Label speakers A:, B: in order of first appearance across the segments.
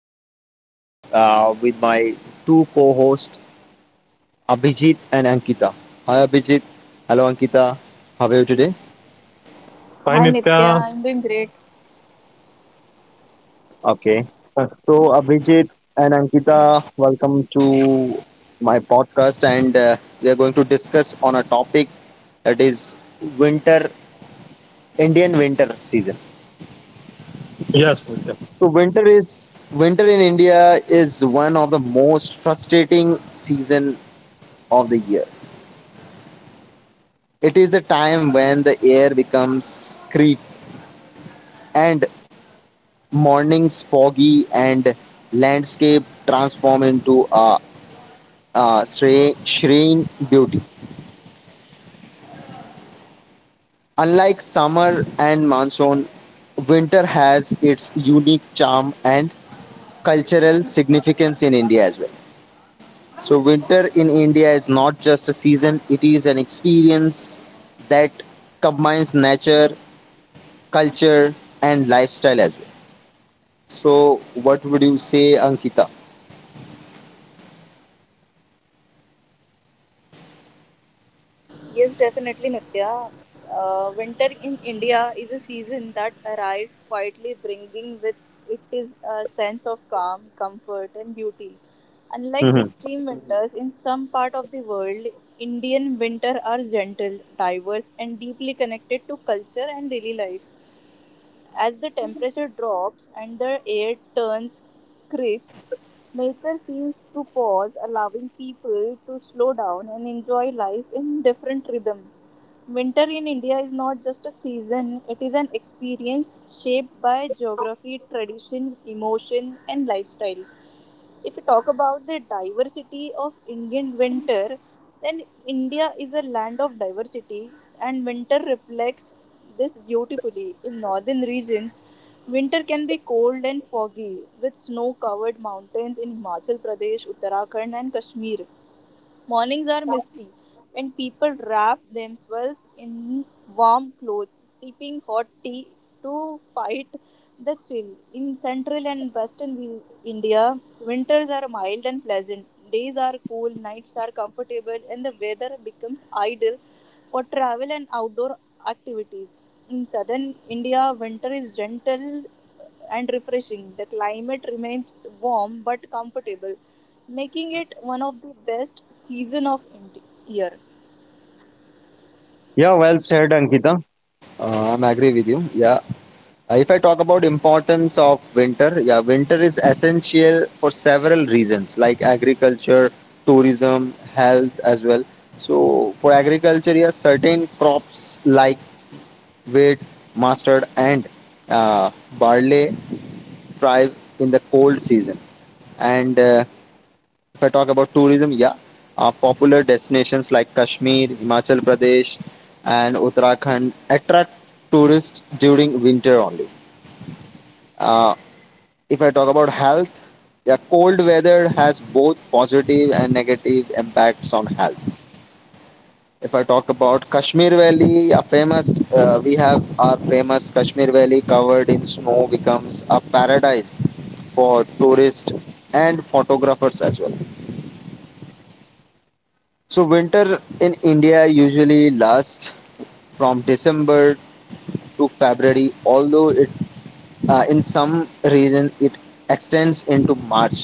A: host Nitya with my two co hosts Abhijit and Ankita. Hi Abhijit. Hello Ankita. How are you today?
B: Hi Nitya, I'm
C: Hi
B: doing
C: Nitya.
B: great.
A: Okay. So
C: Uh,
A: Abhijit and Ankita, welcome to my podcast, and we are going to discuss on a topic that is winter, Indian winter season. So
C: Yes, Nitya.
A: winter in India is one of the most frustrating season of the year. It is a time when the air becomes crisp and mornings foggy and landscape transform into a serene beauty. Unlike summer and monsoon, winter has its unique charm and cultural significance in India as well. So, winter in India is not just a season, it is an experience that combines nature, culture, and lifestyle as well. So, what would you say, Ankita?
B: Yes, definitely Nitya. Winter in India is a season that arrives quietly, bringing with it is a sense of calm, comfort, and beauty. Unlike
A: Mhm.
B: extreme winters in some part of the world, Indian winter are gentle, diverse, and deeply connected to culture and daily life. As the temperature drops and the air turns crisp, nature seems to pause, allowing people to slow down and enjoy life in different rhythm. Winter in India is not just a season, it is an experience shaped by geography, tradition, emotion, and lifestyle if you talk about the diversity of Indian winter, then India is a land of diversity, and winter reflects this beautifully. In northern regions, winter can be cold and foggy, with snow covered mountains in Himachal Pradesh, Uttarakhand, and Kashmir. Mornings are misty when people wrap themselves in warm clothes, sipping hot tea to fight the chill. In central and western India, winters are mild and pleasant. Days are cool, nights are comfortable, and the weather becomes ideal for travel and outdoor activities. In southern India, winter is gentle and refreshing. The climate remains warm but comfortable, making it one of the best season of year.
A: Yeah, well said, Ankita. I'm agree with you. Yeah. If I talk about importance of winter, yeah, winter is essential for several reasons like agriculture, tourism, health as well. So for agriculture, yeah, certain crops like wheat, mustard, and uh, barley thrive in the cold season, and if I talk about tourism, yeah, popular destinations like Kashmir, Himachal Pradesh, and Uttarakhand attract tourists during winter only. Uh, if I talk about health, yeah, cold weather has both positive and negative impacts on health. If I talk about Kashmir Valley, a famous we have our famous Kashmir Valley covered in snow becomes a paradise for tourists and photographers as well. So winter in India usually lasts from December to February, although it in some regions it extends into March.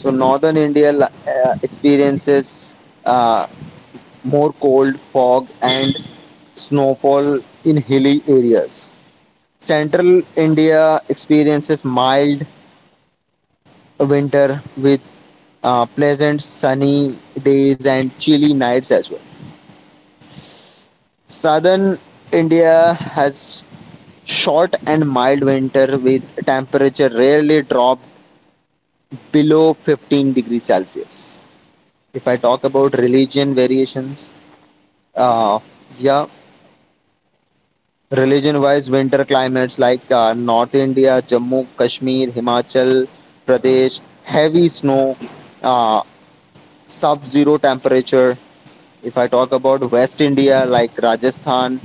A: So northern India experiences uh, more cold, fog, and snowfall in hilly areas. Central India experiences mild winter with pleasant sunny days and chilly nights as well. Southern India has short and mild winter with temperature rarely drop below 15 degrees Celsius. If I talk about religion variations, uh, yeah, religion wise, winter climates like North India, Jammu, Kashmir, Himachal Pradesh, heavy snow, uh, sub zero temperature. If I talk about West India like Rajasthan,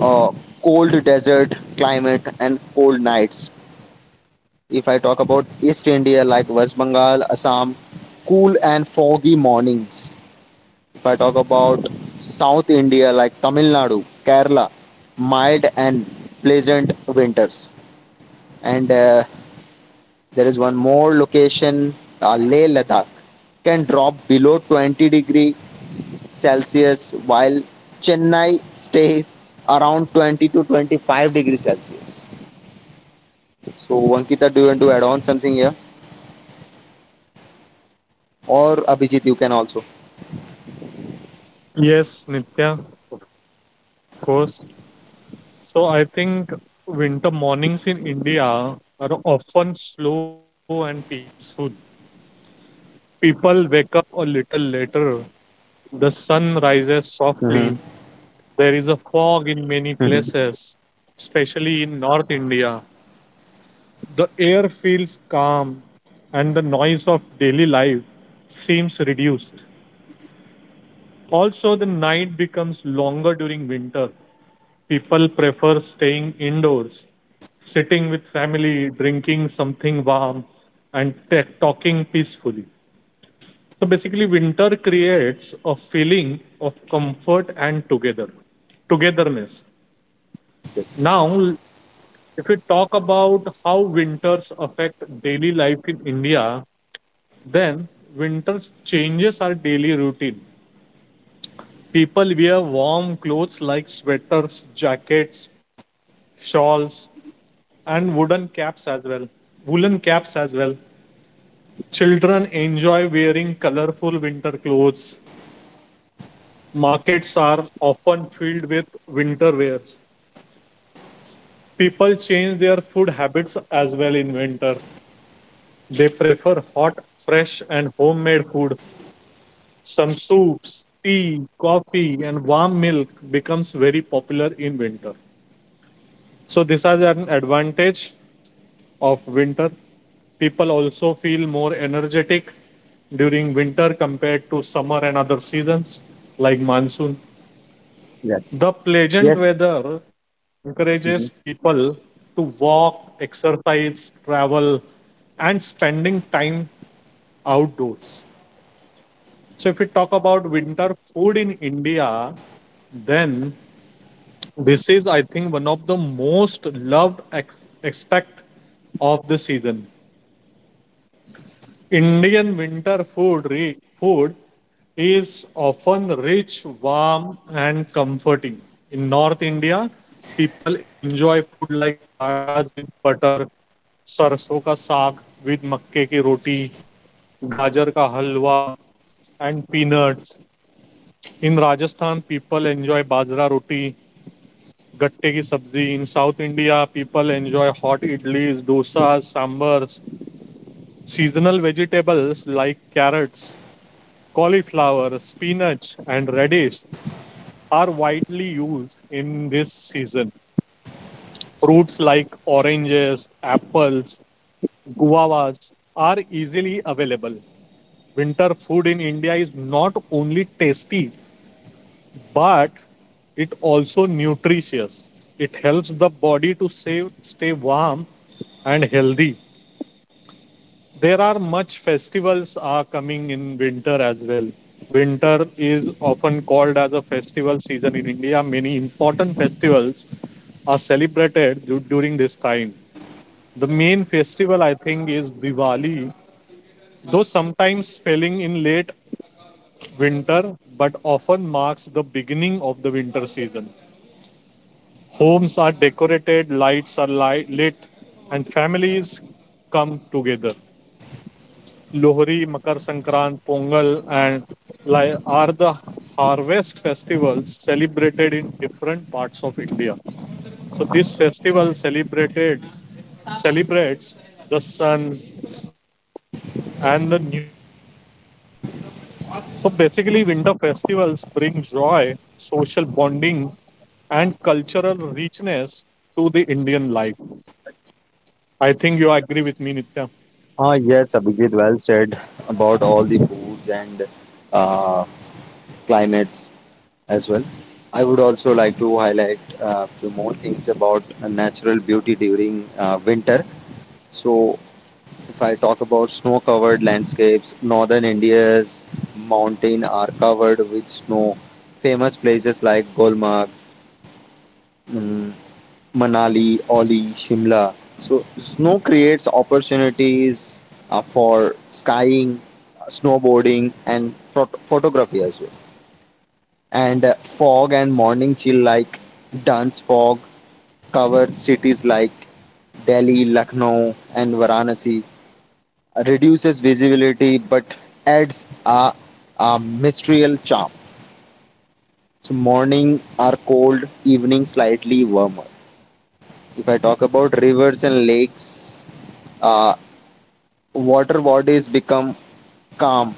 A: uh, cold desert climate and cold nights. If I talk about East India like West Bengal, Assam, cool and foggy mornings. If I talk about South India like Tamil Nadu, Kerala, mild and pleasant winters. And there is one more location, Leh Ladakh, can drop below 20-degree Celsius while Chennai stays around 20 to 25 degree Celsius. So, Ankita, do you want to add on something here? Or Abhijit, you can also.
C: Yes, Nitya, of course. So I think winter mornings in India are often slow and peaceful. People wake up a little later. The sun rises
A: Mm-hmm.
C: softly. There is a fog in many
A: Mm-hmm.
C: places, especially in North India. The air feels calm and the noise of daily life seems reduced. Also, the night becomes longer during winter people prefer staying indoors, sitting with family, drinking something warm, and talking peacefully. So basically, winter creates a feeling of togetherness. Now, if we talk about how winters affect daily life in India, then winters changes our daily routine. People wear warm clothes like sweaters, jackets, shawls, and wooden caps as well. Woolen caps as well. Children enjoy wearing colorful winter clothes. Markets are often filled with winter wares. People change their food habits as well in winter. They prefer hot, fresh, and homemade food. Some soups, tea, coffee, and warm milk becomes very popular in winter. So this has an advantage of winter. People also feel more energetic during winter compared to summer and other seasons like monsoon.
A: Yes.
C: The pleasant
A: Yes.
C: weather encourages
A: mm
C: people to walk, exercise, travel, and spending time outdoors. So, if we talk about winter food in India, then this is, I think, one of the most loved aspect of the season. Indian winter food, re- food is often rich, warm, and comforting. In North India, people enjoy food like parathas with butter, sarso ka saag with makke ki roti, gajar ka halwa, and peanuts. In Rajasthan, people enjoy bajra roti, gatte ki sabzi. In South India, people enjoy hot idlis, dosas, sambars. Seasonal vegetables like carrots, cauliflower, spinach, and radish are widely used in this season. Fruits like oranges, apples, guavas are easily available. Winter food in India is not only tasty but it also nutritious. It helps the body to save, stay warm and healthy. There are much festivals are coming in winter as well. Winter is often called as a festival season in India. Many important festivals are celebrated during this time. The main festival, I think, is Diwali, though sometimes falling in late winter, but often marks the beginning of the winter season. Homes are decorated, lights are lit, and families come together. Lohri, Makar Sankrant, Pongal, and Lai are the harvest festivals celebrated in different parts of India. So this festival celebrated celebrates the sun and the new beginning. So basically, winter festivals bring joy, social bonding, and cultural richness to the Indian life. I think you agree with me, Nitya.
A: yes, Abhijit, well said about all the foods and uh, climates as well. I would also like to highlight a few more things about natural beauty during winter. So, if I talk about snow covered landscapes, northern India's mountains are covered with snow. Famous places like Gulmarg. mm, Manali, Oli, Shimla. So snow creates opportunities for skiing, snowboarding, and photography as well. And fog and morning chill like dense fog covers cities like Delhi, Lucknow, and Varanasi. Reduces visibility but adds a mystical charm. So morning are cold, evening slightly warmer. If I talk about rivers and lakes, uh, water bodies become calm.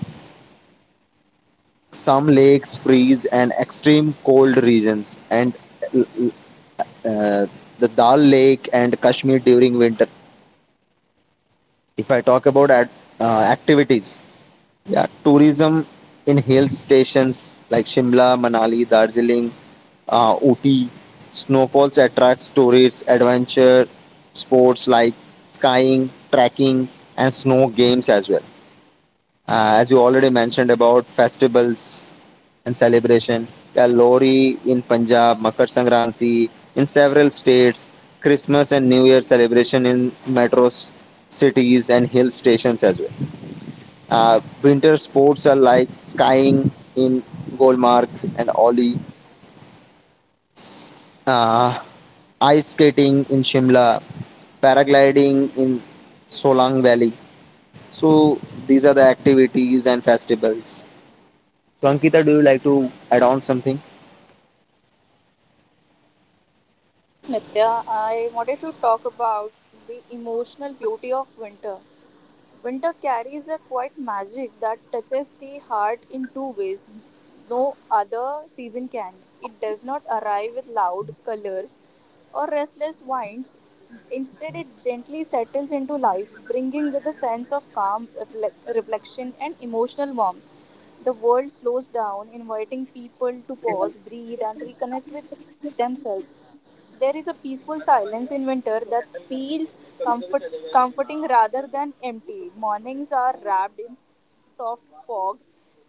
A: Some lakes freeze and extreme cold regions, and uh, the Dal Lake and Kashmir during winter. If I talk about at, Activities, yeah, tourism in hill stations like Shimla, Manali, Darjeeling, Ooty, snowfalls attracts tourists, adventure sports like skiing, trekking, and snow games as well. As you already mentioned about festivals and celebration, yeah, Lori in Punjab, Makar Sankranti in several states, Christmas and New Year celebration in metros, cities, and hill stations as well. Winter sports are like skiing in Golmark and Oli, uh, ice skating in Shimla, paragliding in Solang Valley. So these are the activities and festivals. So, Ankita, do you like to add on something?
B: Yes, Nitya, I wanted to talk about the emotional beauty of winter. Winter carries a quiet magic that touches the heart in two ways no other season can. It does not arrive with loud colors or restless winds. Instead, it gently settles into life, bringing with a sense of calm, reflection, and emotional warmth. The world slows down, inviting people to pause, breathe, and reconnect with themselves. There is a peaceful silence in winter that feels comforting rather than empty. Mornings are wrapped in soft fog,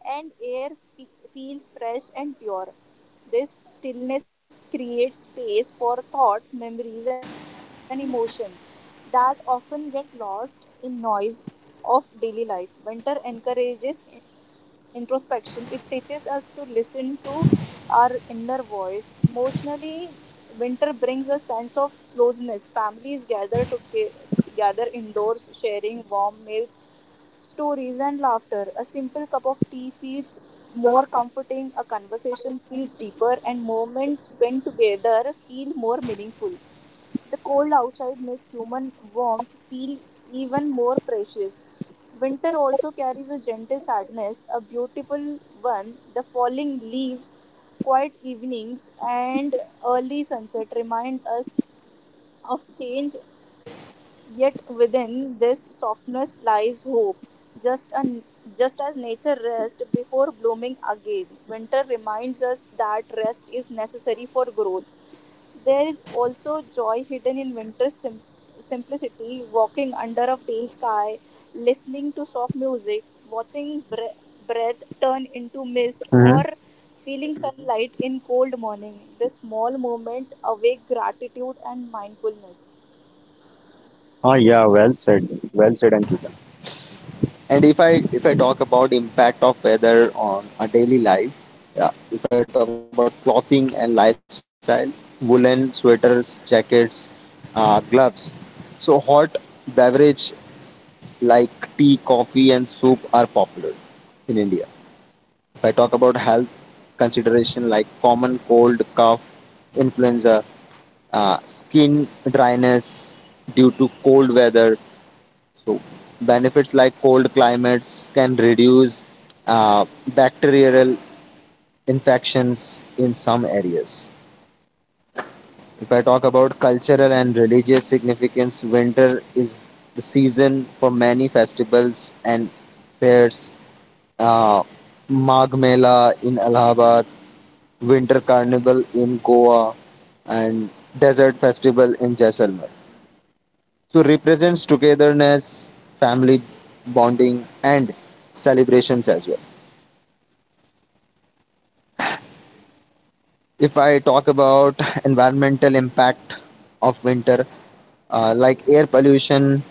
B: and air fe- feels fresh and pure. This stillness creates space for thought, memories, and emotion that often get lost in noise of daily life. Winter encourages introspection. It teaches us to listen to our inner voice. Emotionally, winter brings a sense of closeness. Families gather to gather indoors, sharing warm meals, stories, and laughter. A simple cup of tea feels more comforting. A conversation feels deeper, and moments spent together feel more meaningful. The cold outside makes human warmth feel even more precious. Winter also carries a gentle sadness, a beautiful one. The falling leaves, quiet evenings, and early sunset remind us of change, yet within this softness lies hope. Just, an, just as nature rests before blooming again, winter reminds us that rest is necessary for growth. There is also joy hidden in winter's simplicity, walking under a pale sky, listening to soft music, watching breath turn into mist,
A: Mm-hmm.
B: or feeling sunlight in cold morning. This small moment awake gratitude and mindfulness.
A: Oh, yeah, well said. Well said, Ankita. And if I talk about impact of weather on our daily life, yeah, if I talk about clothing and lifestyle, woolen sweaters, jackets, gloves. So hot beverage like tea, coffee, and soup are popular in India. If I talk about health consideration like common cold, cough, influenza, skin dryness due to cold weather. So, benefits like cold climates can reduce uh, bacterial infections in some areas. If I talk about cultural and religious significance, winter is the season for many festivals and fairs. Uh, Magh Mela in Allahabad, Winter Carnival in Goa, and Desert Festival in Jaisalmer. So represents togetherness, family bonding, and celebrations as well. If I talk about environmental impact of winter, like air pollution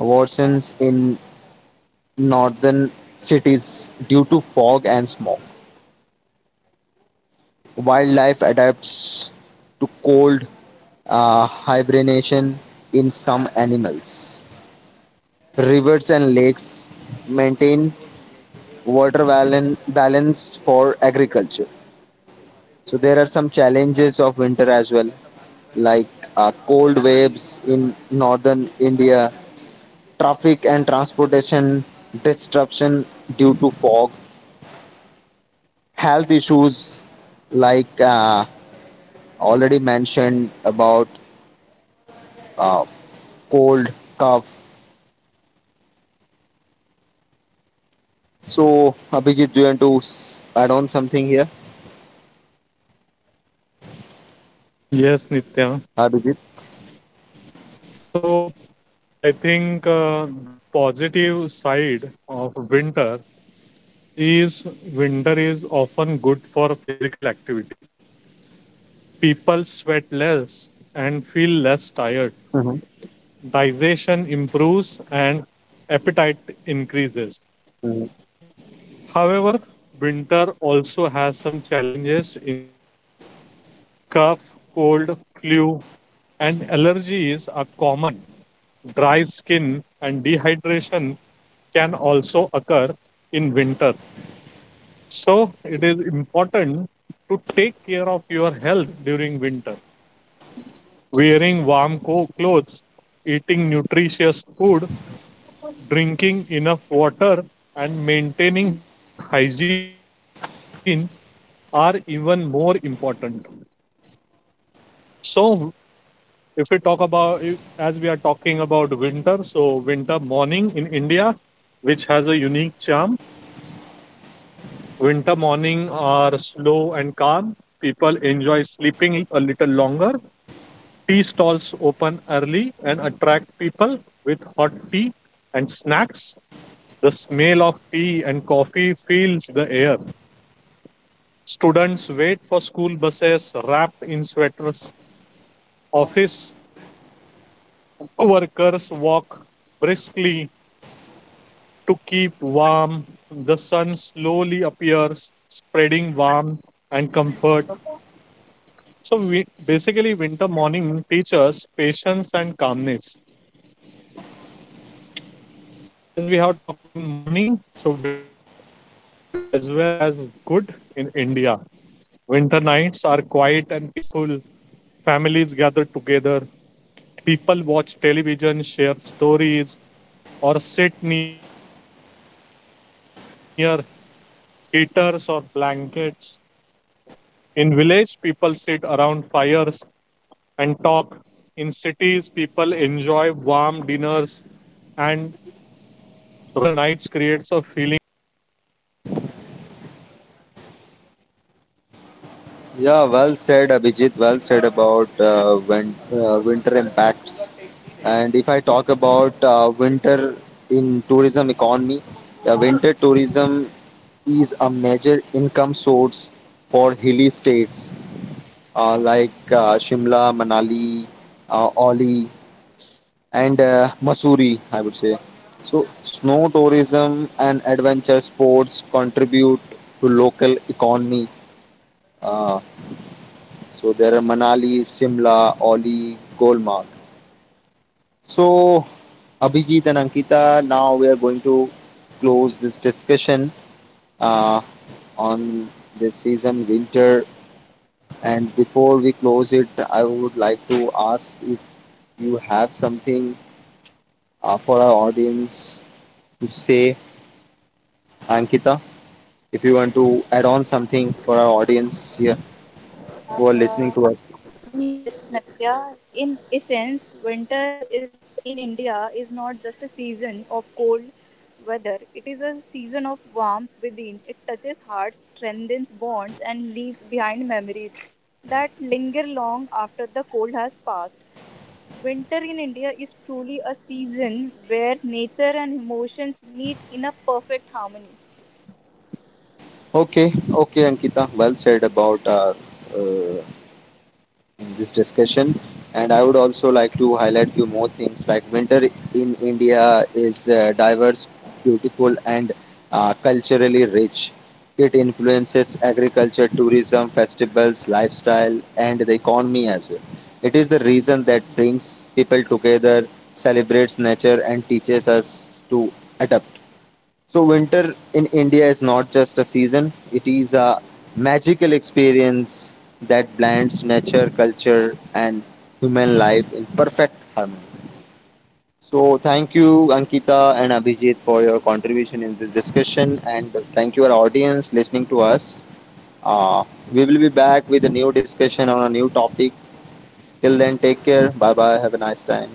A: worsens in northern cities due to fog and smog. Wildlife adapts to cold hibernation in some animals. Rivers and lakes maintain water balance for agriculture. So there are some challenges of winter as well, like cold waves in northern India, traffic and transportation disruption due to fog, health issues like already mentioned about cold, cough. So Abhijit, do you want to add on something here?
C: Yes,
A: Abhijit.
C: Nitya. So I think the positive side of is winter is often good for physical activity. People sweat less and feel less tired.
A: Mhm.
C: Digestion improves and appetite increases. However, winter also has some challenges in health. Cough, cold, flu, and allergies are common. Dry skin and dehydration can also occur in winter. So, it is important to take care of your health during winter. Wearing warm clothes, eating nutritious food, drinking enough water, and maintaining hygiene are even more important. So, if we talk about, as we are talking about winter, so winter morning in India, which has a unique charm. Winter morning are slow and calm. People enjoy sleeping a little longer. Tea stalls open early and attract people with hot tea and snacks. The smell of tea and coffee fills the air. Students wait for school buses wrapped in sweaters. Office workers walk briskly to keep warm. The sun slowly appears, spreading warmth and comfort. So, we, basically, winter morning teaches patience and calmness. As we have talked on morning, so winter nights is as well as good in India. Winter nights are quiet and peaceful. Families gather together. People watch television, share stories, or sit near heaters or blankets. In village, people sit around fires and talk. In cities, people enjoy warm dinners and rest. Winter nights creates a feeling of safety and closeness.
A: Yeah, well said,
C: So
A: Abhijit.
C: I
A: Well
C: think the
A: said
C: winter
A: about
C: has its unique
A: winter
C: charm
A: impacts.
C: in India.
A: And if I talk
C: I think you
A: about
C: agree with me,
A: winter
C: Nitya.
A: in tourism economy, the winter tourism is a major income source for hilly states like Shimla, Manali, Oli, and Mussoorie, I would say. So, snow tourism and adventure sports contribute to local economy. Uh, so there are Manali, Simla, Oli, Golmark. So Abhijit and Ankita, now we are going to close this discussion uh, on this season winter. And before we close it, I would like to ask if you have something for our audience to say, Ankita, if you want to add on something for our audience here who are listening to us.
D: Yes, Nitya. In essence, winter is in India is not just a season of cold weather. It is a season of warmth within. It touches hearts, strengthens bonds, and leaves behind memories that linger long after the cold has passed. Winter in India is truly a season where nature and emotions meet in a perfect harmony.
A: Okay, okay, Ankita, well said about uh, in this discussion. And I would also like to highlight few more things like winter in India is diverse, beautiful, and culturally rich. It influences agriculture, tourism, festivals, lifestyle, and the economy as well. It is the reason that brings people together, celebrates nature, and teaches us to adapt. So, winter in India is not just a season, it is a magical experience that blends nature, culture, and human life in perfect harmony. So, thank you, Ankita and Abhijit, for your contribution in this discussion, and thank you, our audience, listening to us. Uh, we will be back with a new discussion on a new topic. Till then, take care. Bye bye. Have a nice time.